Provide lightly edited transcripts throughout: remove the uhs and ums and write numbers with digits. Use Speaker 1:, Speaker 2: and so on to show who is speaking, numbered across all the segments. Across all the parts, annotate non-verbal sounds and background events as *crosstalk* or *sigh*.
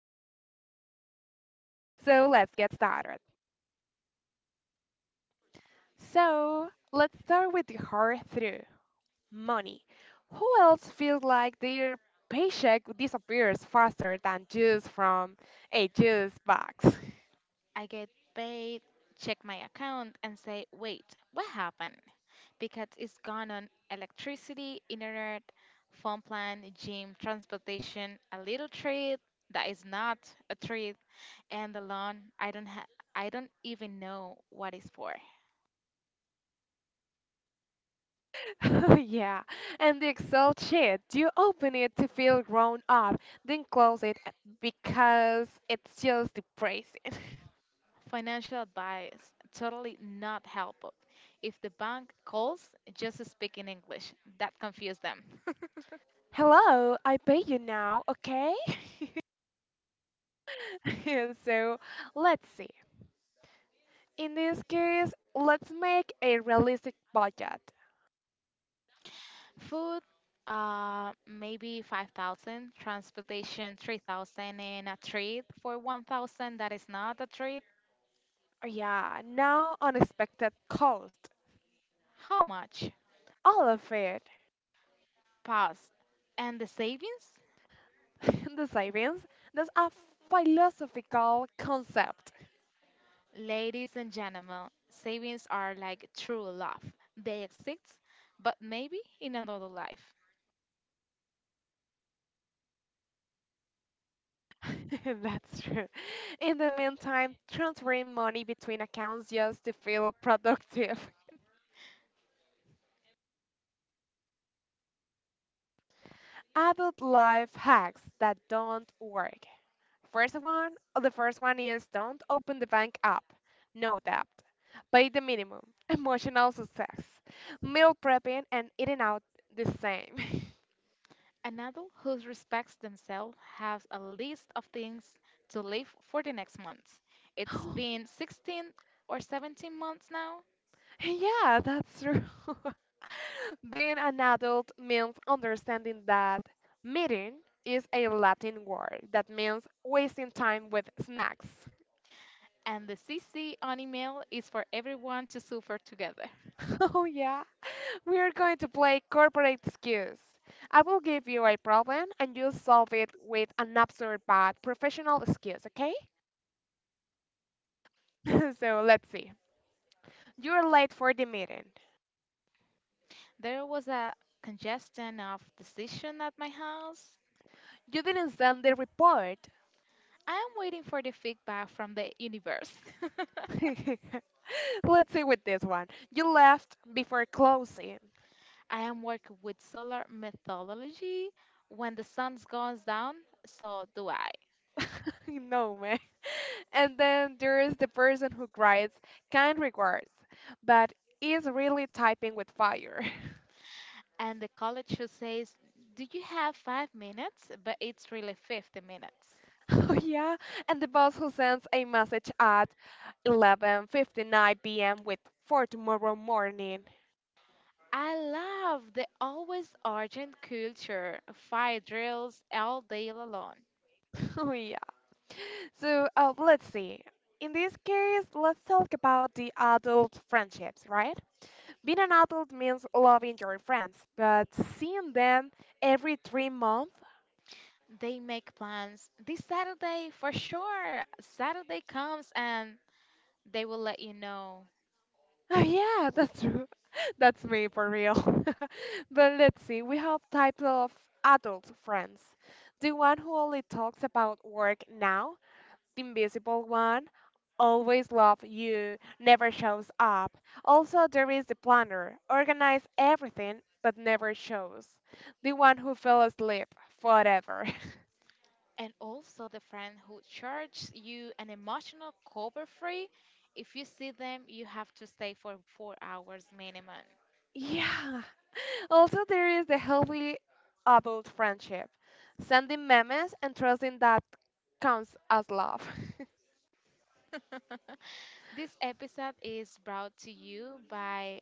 Speaker 1: So let's get started. So let's start with the hard truth money. Who else feels like their paycheck disappears faster than juice from a juice box? *laughs*
Speaker 2: I get paid, check my account, and say, wait, what happened? Because it's gone on electricity, internet, phone plan, gym, transportation, a little treat that is not a treat, and the loan I don't even know what it's for.
Speaker 1: Oh, yeah. And the Excel sheet, you open it to feel grown up, then close it because it's just depressing.
Speaker 2: Financial advice totally not helpful. If the bank calls, just speak in English. That confused them. *laughs*
Speaker 1: *laughs* Hello, I pay you now, okay? *laughs* *laughs* So let's see. In this case, let's make a realistic budget.
Speaker 2: Food, maybe 5,000. Transportation, 3,000. And a treat for 1,000 that is not a treat.
Speaker 1: Yeah, no unexpected cost.
Speaker 2: How much?
Speaker 1: All of it.
Speaker 2: Past. And the savings?
Speaker 1: *laughs* The savings, that's a philosophical concept.
Speaker 2: Ladies and gentlemen, savings are like true love. They exist, but maybe in another life.
Speaker 1: *laughs* That's true. In the meantime, transferring money between accounts just to feel productive. *laughs* Adult life hacks that don't work. First one, the first one is don't open the bank up. No debt. Pay the minimum. *laughs* Emotional success. Meal prepping and eating out the same. *laughs*
Speaker 2: An adult who respects themselves has a list of things to live for the next month. It's
Speaker 1: Oh,
Speaker 2: been 16 or 17 months now,
Speaker 1: yeah, that's true. *laughs* Being an adult means understanding that meeting is a Latin word that means wasting time with snacks.
Speaker 2: and the CC on email is for everyone to suffer together.
Speaker 1: *laughs* Oh, yeah. We are going to play corporate skills. I will give you a problem and you solve it with an absurd but professional excuse, okay? *laughs* So let's see. You're late for the meeting.
Speaker 2: There was a congestion of decision at my house.
Speaker 1: You didn't send the report.
Speaker 2: I am waiting for the feedback from the universe. *laughs*
Speaker 1: *laughs* Let's see with this one. You left before closing.
Speaker 2: I am working with solar methodology. When the sun goes down, so do I.
Speaker 1: *laughs* No, man. And then there is the person who writes kind regards, but is really typing with fire. *laughs*
Speaker 2: And the college who says, do you have 5 minutes? But it's really 50 minutes.
Speaker 1: *laughs* Oh yeah, and the boss who sends a message at 11:59 p.m. with for tomorrow morning.
Speaker 2: I love the always urgent culture, fire drills all day long.
Speaker 1: *laughs* Oh yeah. So let's see. In this case, let's talk about the adult friendships, right? Being an adult means loving your friends, but seeing them every 3 months.
Speaker 2: They make plans this Saturday for sure. Saturday comes and they will let you know.
Speaker 1: *laughs* Oh yeah, that's true. *laughs* That's me for real. *laughs* But let's see, we have types of adult friends. The one who only talks about work now. The invisible one always love you, never shows up. Also, there is the planner, organize everything but never shows. The one who fell asleep forever.
Speaker 2: And also the friend who charges you an emotional cover free. If you see them, you have to stay for 4 hours minimum.
Speaker 1: *laughs* Yeah. Also, there is the healthy adult friendship, sending memes and trusting that counts as love.
Speaker 2: *laughs* This episode is brought to you by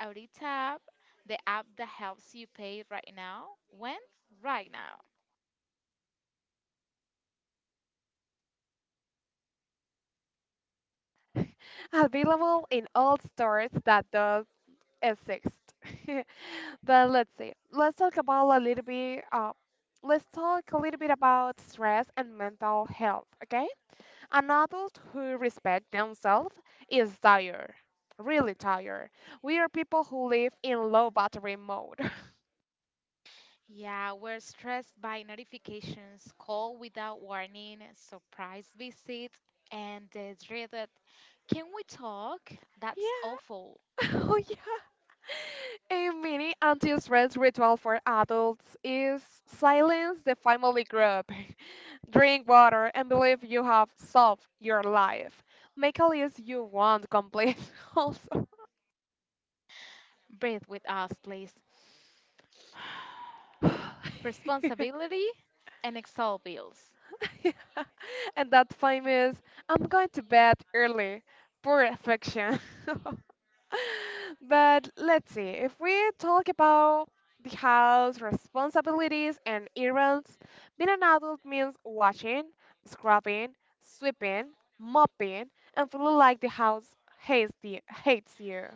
Speaker 2: Auditab, the app that helps you pay right now. When? Right now.
Speaker 1: *laughs* Available in all stores that does is sixth. *laughs* But let's see. Let's talk about a little bit. Let's talk a little bit about stress and mental health. Okay? An adult who respects themselves is tired, really tired. We are people who live in low battery mode. *laughs*
Speaker 2: Yeah, we're stressed by notifications, call without warning, surprise visit, and the dreaded, can we talk? That's
Speaker 1: Yeah.
Speaker 2: awful.
Speaker 1: *laughs* Oh yeah. A mini anti-stress ritual for adults is silence the family group, *laughs* drink water, and believe you have solved your life. Make a list you won't complete *laughs* also.
Speaker 2: Breathe with us, please.
Speaker 1: *laughs*
Speaker 2: Responsibility and Excel bills.
Speaker 1: And that famous, I'm going to bed early. Perfection. *laughs* *laughs* But let's see, if we talk about the house, responsibilities, and errands, being an adult means washing, scrubbing, sweeping, mopping, and feeling like the house hates, the, hates you.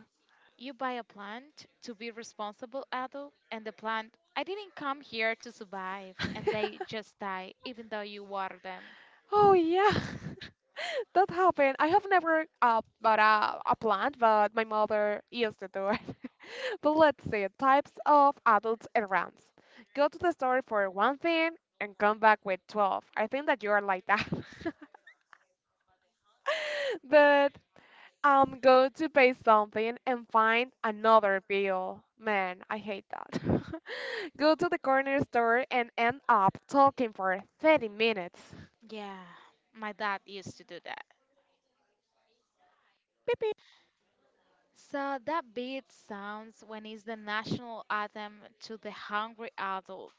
Speaker 2: You buy a plant to be responsible adult, and the plant, I didn't come here to survive, and they
Speaker 1: *laughs*
Speaker 2: just die, even though you water them.
Speaker 1: Oh, yeah, *laughs* that happened. I have never bought a plant, but my mother used to do it. But let's see, types of adults and ramps. Go to the store for one thing and come back with 12. I think that you are like that. *laughs* But go to pay something and find another bill. Man, I hate that. *laughs* Go to the corner store and end up talking for 30 minutes.
Speaker 2: Yeah, my dad used to do that.
Speaker 1: Beep,
Speaker 2: So that beat sounds when it's the national anthem to the hungry adult.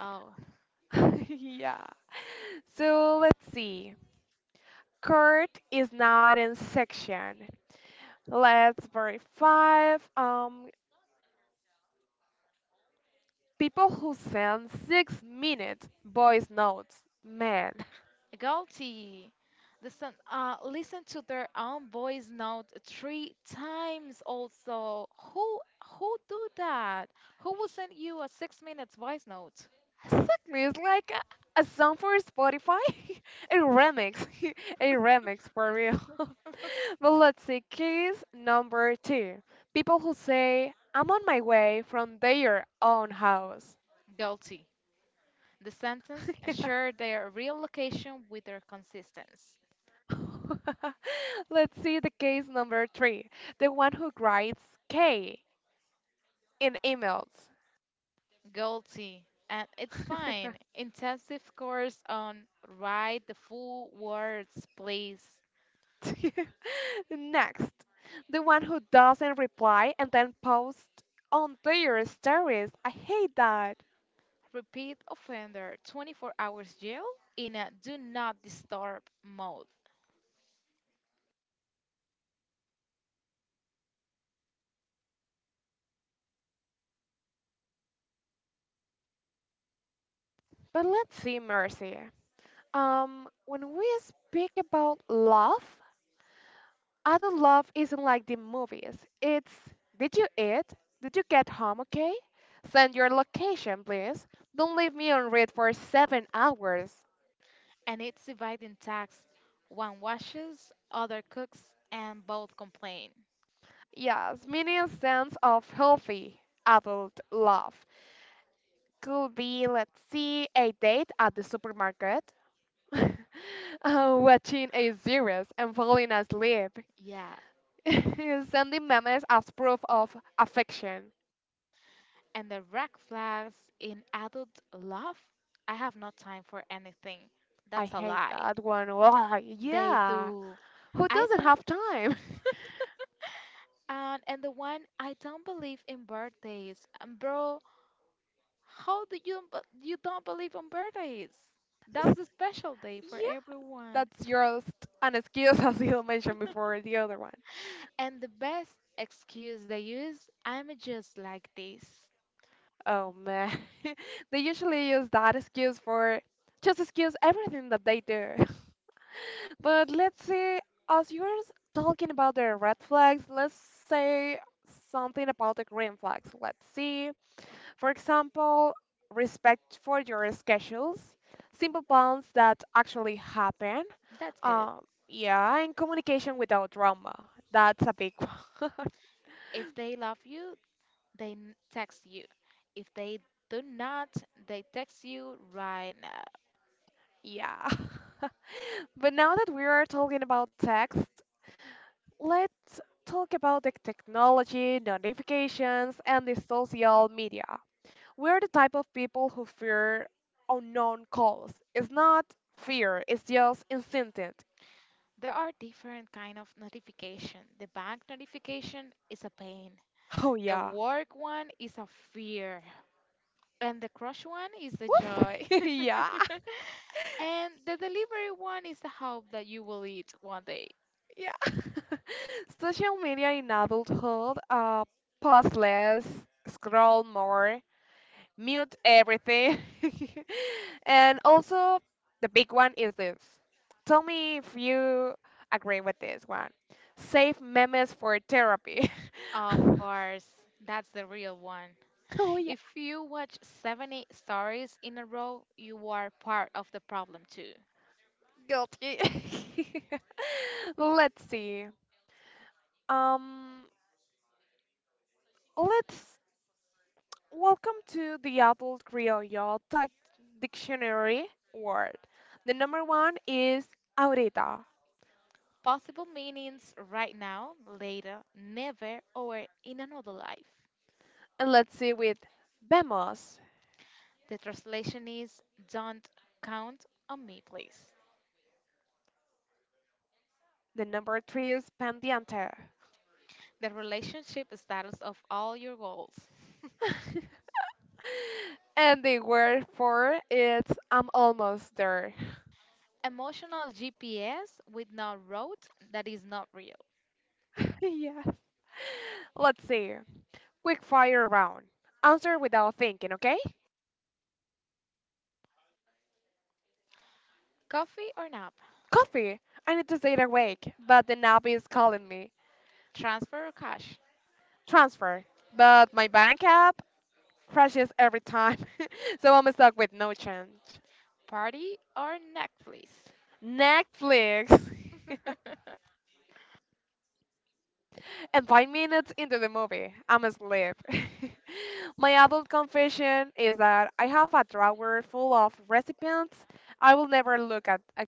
Speaker 2: Oh,
Speaker 1: beep. *laughs* Yeah. So let's see. Kurt is not in section. Let's verify. People who send 6 minute voice notes. Man,
Speaker 2: guilty. Listen to their own voice note three times. Also, who do that? Who will send you a 6 minutes voice note?
Speaker 1: *laughs* exactly. It's like a song for Spotify. *laughs* A remix. *laughs* A remix for real. *laughs* But let's see. Case number two. People who say, I'm on my way from their own house.
Speaker 2: Guilty. The sentence
Speaker 1: *laughs* Yeah.
Speaker 2: share their real location with their consistence.
Speaker 1: *laughs* Let's see the case number three. The one who writes K in emails.
Speaker 2: Guilty. And it's fine. Intensive course on write the full words, please.
Speaker 1: *laughs* Next, the one who doesn't reply and then posts on their stories. I hate that.
Speaker 2: Repeat offender 24 hours jail in a do not disturb mode.
Speaker 1: But let's see, Mercy. When we speak about love, adult love isn't like the movies. It's did you eat? Did you get home okay? Send your location, please. Don't leave me on read for 7 hours.
Speaker 2: And it's divided in tasks. One washes, other cooks, and both complain.
Speaker 1: Yes, meaning sense of healthy adult love could be, let's see, a date at the supermarket, *laughs* watching a series and falling asleep.
Speaker 2: Yeah,
Speaker 1: *laughs* Sending memes as proof of affection.
Speaker 2: and the red flags in adult love, I have no time for anything.
Speaker 1: I
Speaker 2: That's a
Speaker 1: hate
Speaker 2: lie.
Speaker 1: that one. Why?
Speaker 2: They
Speaker 1: Yeah.
Speaker 2: do.
Speaker 1: Who
Speaker 2: I
Speaker 1: doesn't
Speaker 2: don't.
Speaker 1: have time? *laughs*
Speaker 2: And the one, I don't believe in birthdays. Bro, how do you b- you don't believe in birthdays? That's a special day for
Speaker 1: Yeah,
Speaker 2: everyone.
Speaker 1: that's just an excuse, *laughs* as you mentioned before, the other one.
Speaker 2: And the best excuse they use, I'm just like this.
Speaker 1: Oh man. *laughs* They usually use that excuse for just excuse everything that they do. But let's see. As you're talking about the red flags, let's say something about the green flags. Let's see. For example, respect for your schedules, simple plans that actually happen.
Speaker 2: That's good.
Speaker 1: Um, yeah, and communication without drama. That's a big *laughs* one.
Speaker 2: If they love you, they text you. If they do not, they text you right now.
Speaker 1: Yeah. *laughs* But now that we are talking about text, let's talk about the technology, notifications, and the social media. We're the type of people who fear unknown calls. It's not fear, it's just instinctive.
Speaker 2: There are different kind of notification. The bank notification is a pain.
Speaker 1: *laughs* Oh,
Speaker 2: The
Speaker 1: yeah.
Speaker 2: work one is a fear. And the crush one is a
Speaker 1: Woof.
Speaker 2: joy.
Speaker 1: *laughs* Yeah.
Speaker 2: *laughs* And the delivery one is the hope that you will eat one day.
Speaker 1: Yeah. *laughs* Social media in adulthood, pause less, scroll more, mute everything. *laughs* And also, the big one is this. Tell me if you agree with this one. Save memes for therapy. *laughs*
Speaker 2: Of course, that's the real one.
Speaker 1: Oh,
Speaker 2: If you watch 70 stories in a row, you are part of the problem too.
Speaker 1: Guilty. *laughs* Let's see. Um, let's welcome to the adult Creole dictionary word. The number one is ahorita,
Speaker 2: Possible meanings right now, later, never, or in another life.
Speaker 1: and let's see with vemos.
Speaker 2: The translation is, don't count on me, please.
Speaker 1: The number three is pendiente,
Speaker 2: The relationship status of all your goals. *laughs*
Speaker 1: *laughs* and the word for it's I'm almost there.
Speaker 2: Emotional GPS with no road that is not real.
Speaker 1: *laughs* Yes. Let's see. Quick fire round. Answer without thinking, okay?
Speaker 2: Coffee or nap.
Speaker 1: Coffee! I need to stay awake, but the nappy is calling me.
Speaker 2: Transfer or cash.
Speaker 1: Transfer. But my bank app crashes every time, *laughs* so I'm stuck with no change.
Speaker 2: Party or Netflix.
Speaker 1: Netflix!
Speaker 2: *laughs*
Speaker 1: *laughs* And 5 minutes into the movie, I'm asleep. *laughs* My adult confession is that I have a drawer full of recipes I will never look at.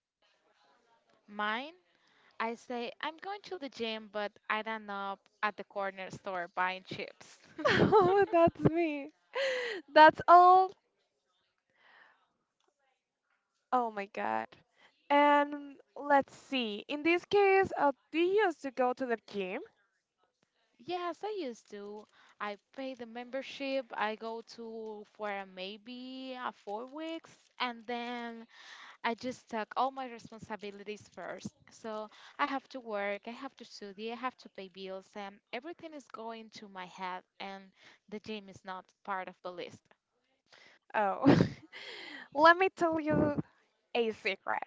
Speaker 2: Mine, I say, I'm going to the gym, but I end up at the corner store buying chips.
Speaker 1: *laughs*
Speaker 2: *laughs*
Speaker 1: Oh, that's me. That's all. Oh my God. And let's see. In this case, do you used to go to the gym?
Speaker 2: Yes, I used to. I pay the membership. I go to for a maybe 4 weeks, and then I just took all my responsibilities first. So I have to work, I have to study, I have to pay bills, and everything is going to my head, and the gym is not part of the list.
Speaker 1: Oh, *laughs* let me tell you a secret.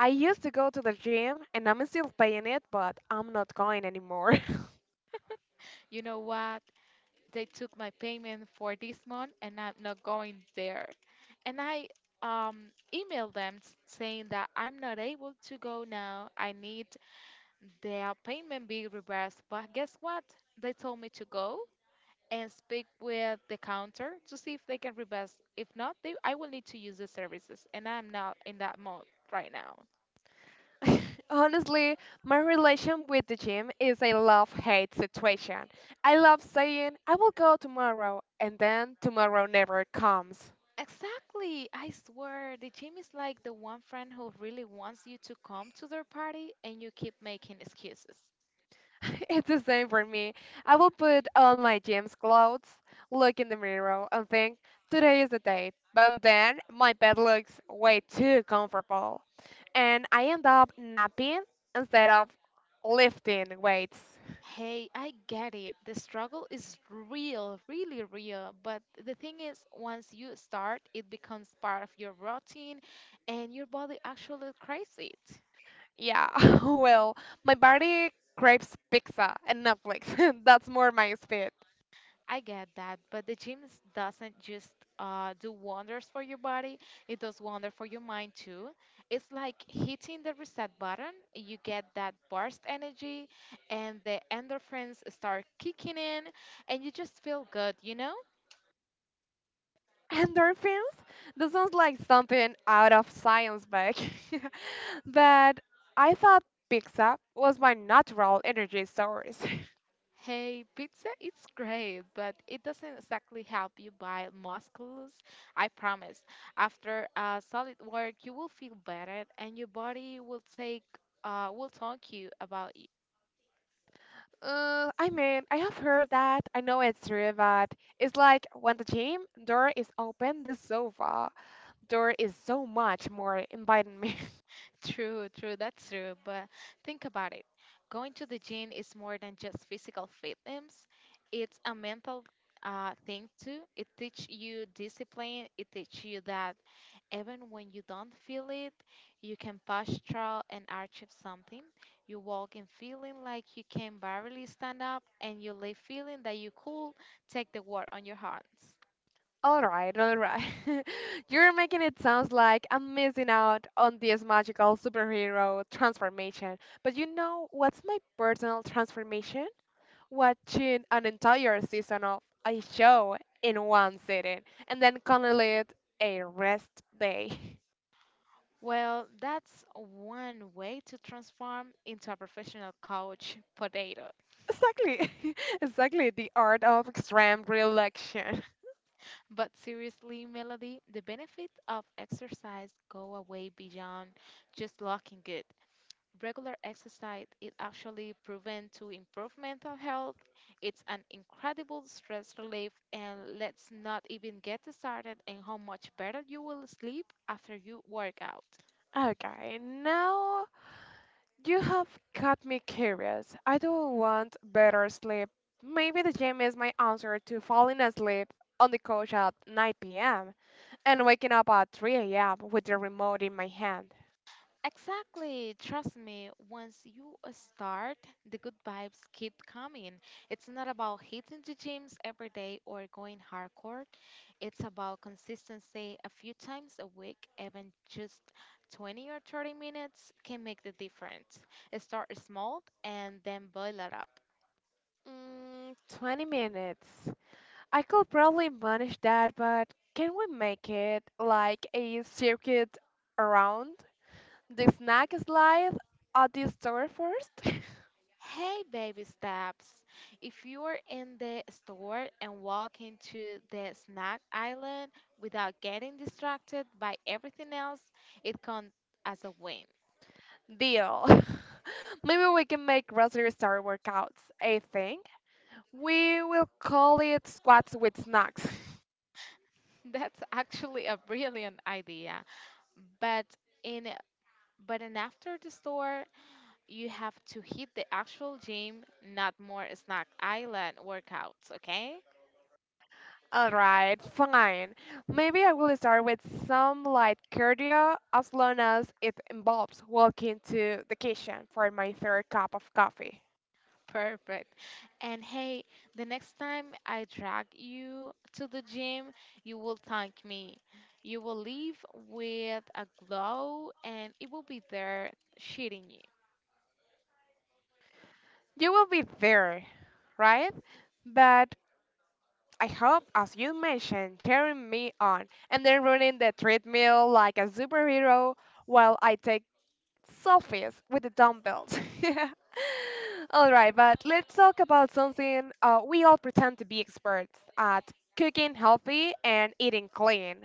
Speaker 1: I used to go to the gym and I'm still paying it, but I'm not going anymore.
Speaker 2: You know what? They took my payment for this month, and I'm not going there. And I um, emailed them saying that I'm not able to go now. I need the payment be reversed, but guess what? They told me to go and speak with the counter to see if they can reverse. If not, I will need to use the services, and I'm not in that mode right now.
Speaker 1: *laughs* Honestly, my relation with the gym is a love-hate situation. I love saying I will go tomorrow and then tomorrow never comes.
Speaker 2: Exactly. I swear, the gym is like the one friend who really wants you to come to their party and you keep making excuses.
Speaker 1: *laughs* It's the same for me. I will put on my gym's clothes, look in the mirror, and think, today is the day. But then my bed looks way too comfortable. And I end up napping instead of lifting weights.
Speaker 2: Hey, I get it. The struggle is real, really real. But the thing is, once you start, it becomes part of your routine and your body actually craves it.
Speaker 1: Yeah, *laughs* well, my body craves pizza and Netflix. *laughs* That's more my speed.
Speaker 2: I get that, but the gym doesn't just do wonders for your body, it does wonder for your mind too. It's like hitting the reset button, you get that burst energy, and the endorphins start kicking in, and you just feel good, you know?
Speaker 1: Endorphins? That sounds like something out of science back. *laughs* But I thought pizza was my natural energy source. *laughs*
Speaker 2: Hey, pizza is great, but it doesn't exactly help you buy muscles. I promise. After a solid work, you will feel better, and your body will take will talk you about it.
Speaker 1: I mean, I have heard that. I know it's true, but it's like when the gym door is open, the sofa door is so much more inviting me.
Speaker 2: True, true, that's true. But think about it. Going to the gym is more than just physical fitness. It's a mental thing too. It teaches you discipline. It teaches you that even when you don't feel it, you can push through and achieve something. You walk in feeling like you can barely stand up, and you leave feeling that you could take the world on your hands.
Speaker 1: *laughs* All right, all right. *laughs* You're making it sound like I'm missing out on this magical superhero transformation. But you know what's my personal transformation? Watching an entire season of a show in one sitting and then calling it a rest day. *laughs*
Speaker 2: Well, that's one way to transform into a professional couch potato.
Speaker 1: Exactly, *laughs* exactly the art of extreme relaxation.
Speaker 2: But seriously, Melody, the benefits of exercise go away beyond just looking good. Regular exercise is actually proven to improve mental health. It's an incredible stress relief, and let's not even get started on how much better you will sleep after you work out.
Speaker 1: *laughs* Okay, now you have got me curious. I do want better sleep. Maybe the gym is my answer to falling asleep on the couch at 9 p.m. and waking up at 3 a.m. with the remote in my hand.
Speaker 2: Exactly. Trust me, once you start, the good vibes keep coming. It's not about hitting the gyms every day or going hardcore. It's about consistency a few times a week, even just 20 or 30 minutes can make the difference. Start small and then boil it up.
Speaker 1: Mm, 20 minutes. I could probably manage that, but can we make it like a circuit around the snack slide at the store first? *laughs*
Speaker 2: Hey, baby steps. If you're in the store and walk into the snack island without getting distracted by everything else, it counts as a win.
Speaker 1: Deal. *laughs* Maybe we can make grocery store workouts a thing. We will call it squats with snacks. *laughs*
Speaker 2: *laughs* That's actually a brilliant idea. But in but in after the store, you have to hit the actual gym, not more snack island workouts, okay?
Speaker 1: Alright, fine. Maybe I will start with some light cardio as long as it involves walking to the kitchen for my third cup of coffee.
Speaker 2: Perfect. And hey, the next time I drag you to the gym, you will thank me. You will leave with a glow and it will be there cheating you.
Speaker 1: You will be there, right? But I hope, as you mentioned, cheering me on and then running the treadmill like a superhero while I take selfies with the dumbbells. *laughs* All right, but let's talk about something we all pretend to be experts at cooking healthy and eating clean.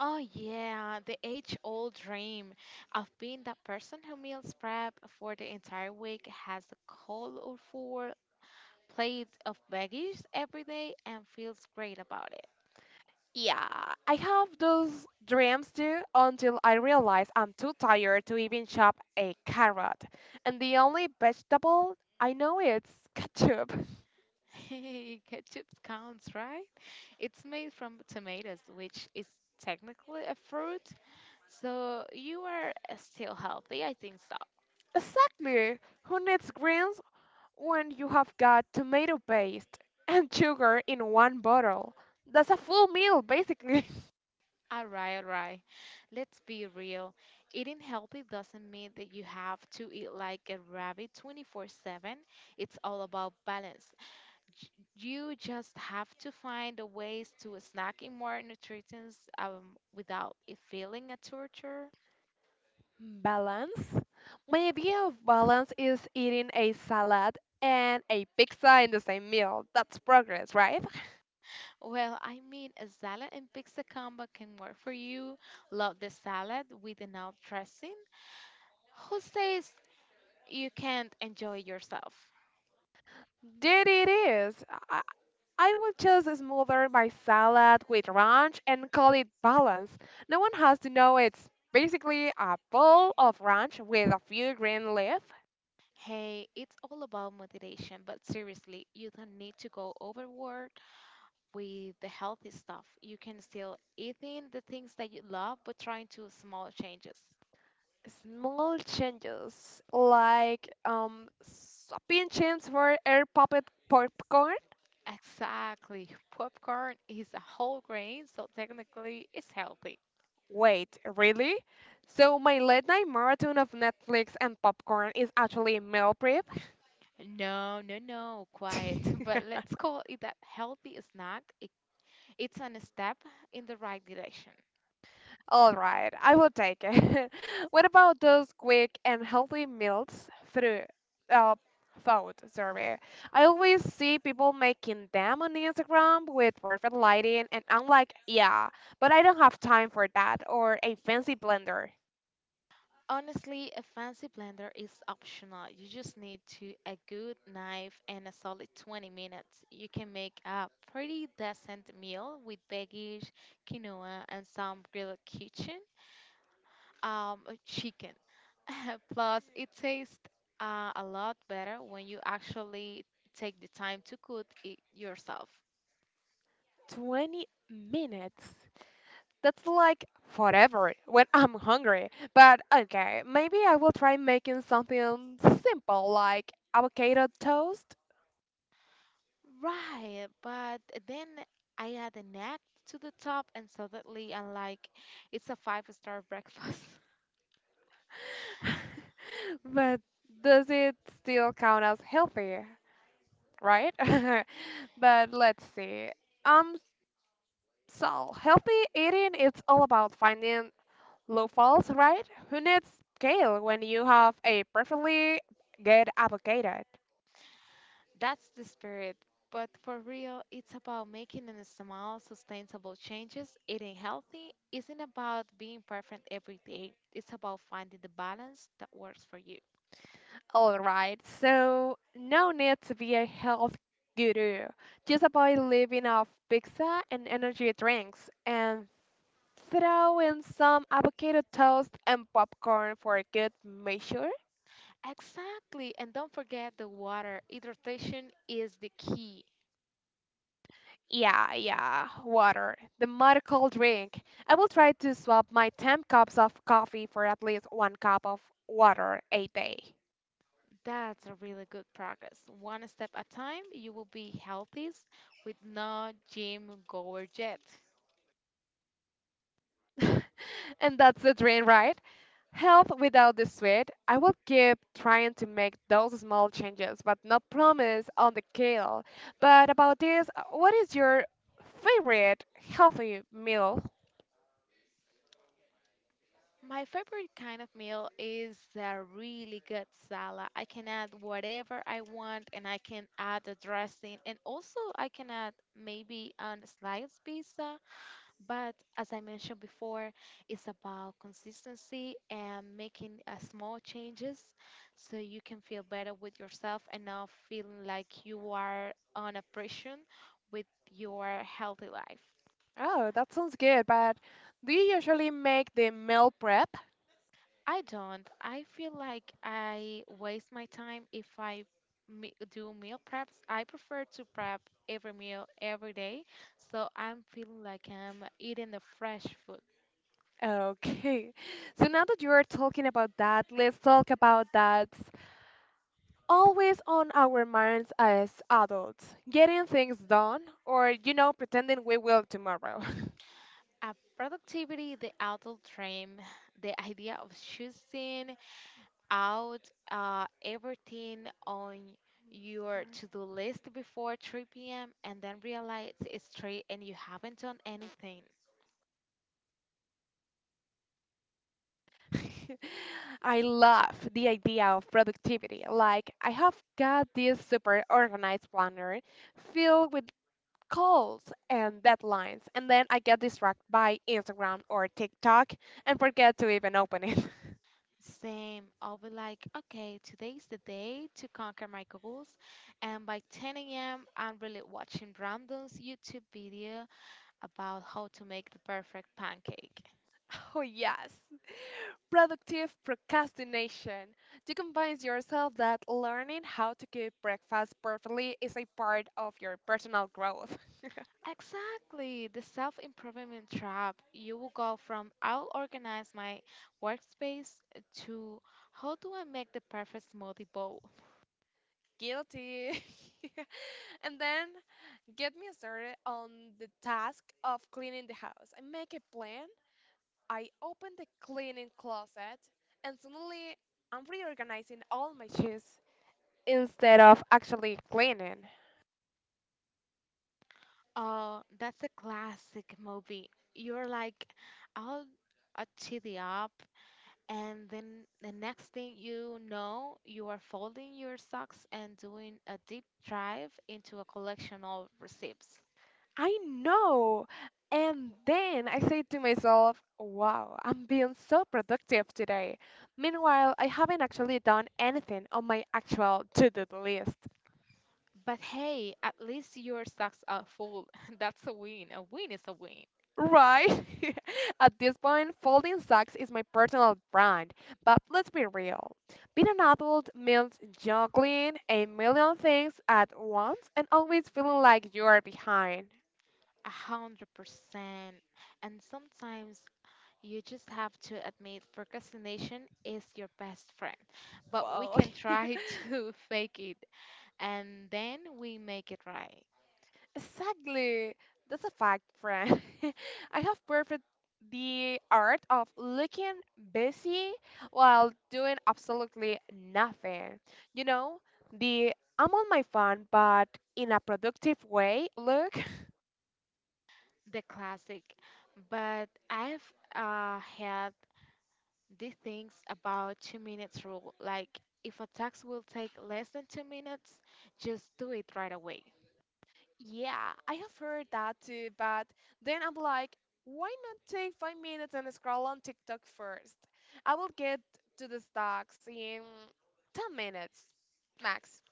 Speaker 2: Oh, yeah, the age old dream of being that person who meals prep for the entire week has a cold or four plates of veggies every day and feels great about it.
Speaker 1: Yeah, I have those dreams too until I realize I'm too tired to even chop a carrot. And the only vegetable I know is ketchup. *laughs*
Speaker 2: Hey, ketchup counts, right? It's made from tomatoes, which is technically a fruit, so you are still healthy, I think so.
Speaker 1: Exactly. Who needs greens when you have got tomato paste and sugar in one bottle? That's a full meal, basically.
Speaker 2: Alright, alright. Let's be real. Eating healthy doesn't mean that you have to eat like a rabbit 24/7. It's all about balance. J- You just have to find the ways to snack in more nutrients without it feeling a torture.
Speaker 1: *laughs* Balance? My idea of balance is eating a salad and a pizza in the same meal. That's progress, right?
Speaker 2: Well, I mean, a salad and pizza combo can work for you. Love the salad without dressing. Who says you can't enjoy yourself?
Speaker 1: Dude, it is. I will just smother my salad with ranch and call it balance. No one has to know it's basically a bowl of ranch with a few green leaves.
Speaker 2: Hey, it's all about motivation, but seriously, you don't need to go overboard with the healthy stuff. You can still eating the things that you love, but trying to small changes.
Speaker 1: Small changes like a pin chance for air poppet popcorn.
Speaker 2: Exactly. Popcorn is a whole grain, so technically it's healthy.
Speaker 1: Wait, really? So my late night marathon of Netflix and popcorn is actually meal prep?
Speaker 2: No, no, no, quiet. *laughs* But let's
Speaker 1: *laughs*
Speaker 2: call it a healthy snack. It's a step in the right direction.
Speaker 1: All right, I will take it. *laughs* What about those quick and healthy meals through uh, food survey? I always see people making them on Instagram with perfect lighting, and I'm like, yeah, but I don't have time for that or a fancy blender.
Speaker 2: Honestly, a fancy blender is optional. You just need to a good knife and a solid 20 minutes. You can make a pretty decent meal with veggies, quinoa, and some grilled kitchen um chicken. *laughs* Plus, it tastes a lot better when you actually take the time to cook it yourself.
Speaker 1: 20 minutes. That's like forever when *laughs* I'm hungry. But okay, maybe I will try making something simple like avocado toast.
Speaker 2: Right, but then I had a neck to the top, and suddenly I'm like, it's a five-star breakfast. *laughs*
Speaker 1: *laughs* But does it still count as healthy, right? *laughs* But let's see. Um, so healthy eating, it's all about finding low falls, right? Who needs kale when you have a perfectly good avocado?
Speaker 2: That's the spirit. But for real, it's about making a small, sustainable changes. Eating healthy isn't about being perfect every day. It's about finding the balance that works for you.
Speaker 1: All right, so no need to be a health guru. Just avoid living off pizza and energy drinks and throw in some avocado toast and popcorn for a good measure.
Speaker 2: Exactly. And don't forget the water. Hydration is the key.
Speaker 1: Yeah, yeah, water, the miracle drink. I will try to swap my 10 cups of coffee for at least one cup of water a day.
Speaker 2: That's a really good progress. One step at a time, you will be healthiest with no gym goer yet.
Speaker 1: *laughs* And that's the dream, right? Health without the sweat. I will keep trying to make those small changes, but not promise on the scale. But about this, what is your favorite healthy meal?
Speaker 2: My favorite kind of meal is a really good salad. I can add whatever I want and I can add a dressing and also I can add maybe a sliced pizza. But as I mentioned before, it's about consistency and making small changes so you can feel better with yourself and not feeling like you are on a prison with your healthy life.
Speaker 1: Oh, that sounds good, but do you usually make the meal prep?
Speaker 2: I don't. I feel like I waste my time if I do meal preps. I prefer to prep every meal every day, so I'm feeling like I'm eating the fresh food.
Speaker 1: Okay. So now that you are talking about that, let's talk about that always on our minds as adults, getting things done or, you know, pretending we will tomorrow.
Speaker 2: Productivity, the adult dream, the idea of choosing out everything on your to-do list before 3 p.m. and then realize it's 3 and you haven't done anything.
Speaker 1: *laughs* I love the idea of productivity. Like, I have got this super organized planner filled with calls and deadlines, and then I get distracted by Instagram or TikTok and forget to even open it. *laughs*
Speaker 2: Same, I'll be like, okay, today's the day to conquer my goals, and by 10 a.m. I'm really watching Brandon's YouTube video about how to make the perfect pancake.
Speaker 1: Oh, yes. Productive procrastination. You convince yourself that learning how to cook breakfast perfectly is a part of your personal growth. *laughs*
Speaker 2: Exactly, the self improvement trap. You will go from I'll organize my workspace to how do I make the perfect smoothie bowl?
Speaker 1: Guilty. *laughs* and then get me started on the task of cleaning the house. I make a plan, I open the cleaning closet, and suddenly I'm reorganizing all my shoes instead of actually cleaning.
Speaker 2: Oh, that's a classic movie. You're like, I'll tidy up, and then the next thing you know, you are folding your socks and doing a deep dive into a collection of receipts.
Speaker 1: I know. And then I say to myself, wow, I'm being so productive today. Meanwhile, I haven't actually done anything on my actual to-do list.
Speaker 2: But hey, at least your socks are full. *laughs* That's a win. A win is a win.
Speaker 1: Right? *laughs* At this point, folding socks is my personal brand. But let's be real. Being an adult means juggling a million things at once and always feeling like you are behind.
Speaker 2: 100%. And sometimes you just have to admit procrastination is your best friend. But we
Speaker 1: Wow. *laughs*
Speaker 2: can try *laughs* to fake it and then we make it right.
Speaker 1: Exactly. That's a fact, friend. *laughs* I have perfect the art of looking busy while doing absolutely nothing. You know, the I'm on my phone but in a productive way. Look. *laughs*
Speaker 2: The classic. But I've had these things about 2 minutes rule. Like if a task will take less than 2 minutes, just do it right away.
Speaker 1: Yeah, I have heard that too, but then I'm like, why not take 5 minutes and scroll on TikTok first? I will get to the stocks in 10 minutes max.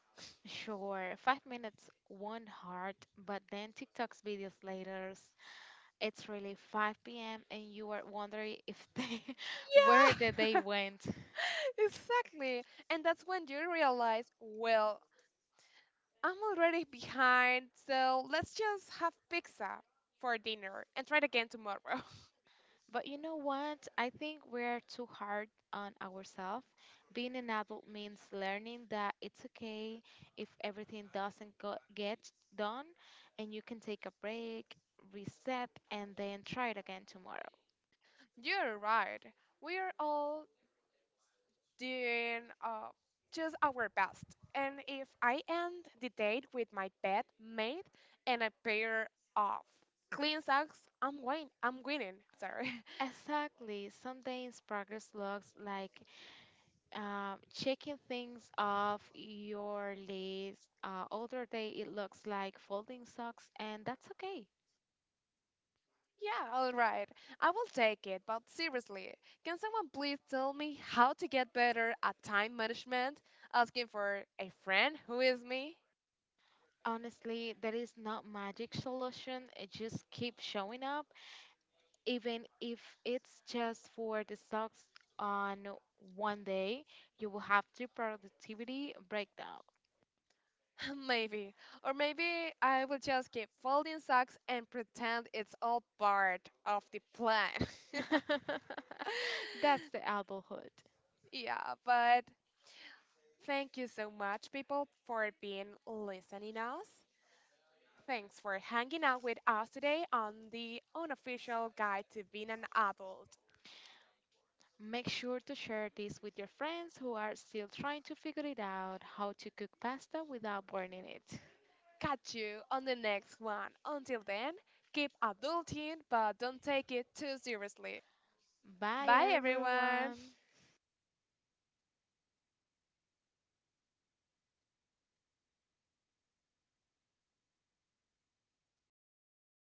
Speaker 2: Sure, 5 minutes one heart. But then TikTok's videos later. It's really 5 p.m. and you are wondering if they *laughs* where
Speaker 1: Yeah.
Speaker 2: did they
Speaker 1: *laughs* *laughs*
Speaker 2: went.
Speaker 1: Exactly. And that's when you realize, well, I'm already behind, so let's just have pizza for dinner and try it again tomorrow.
Speaker 2: But you know what? I think we're too hard on ourselves. Being an adult means learning that it's okay if everything doesn't get done and you can take a break, reset and then try it again tomorrow.
Speaker 1: *laughs* You're right. We are all doing just our best. And if I end the date with my bed made and a pair of clean socks, I'm winning. Sorry. *laughs*
Speaker 2: Exactly. Some days progress looks like checking things off your list. Other day it looks like folding socks, and that's okay.
Speaker 1: Yeah, all right. I will take it, but seriously, can someone please tell me how to get better at time management? Asking for a friend who is me?
Speaker 2: Honestly, there is not magic solution. It just keeps showing up, even if it's just for the socks on one day. You will have to productivity breakdown.
Speaker 1: *laughs* Maybe. Or maybe I will just keep folding socks and pretend it's all part of the plan. *laughs*
Speaker 2: *laughs* That's the adulthood.
Speaker 1: Yeah, but thank you so much, people, for being listening us. Thanks for hanging out with us today on the Unofficial Guide to Being an Adult.
Speaker 2: Make sure to share this with your friends who are still trying to figure it out how to cook pasta without burning it.
Speaker 1: Catch you on the next one. Until then, keep adulting, but don't take it too seriously.
Speaker 2: Bye,
Speaker 1: Bye, everyone.
Speaker 2: everyone.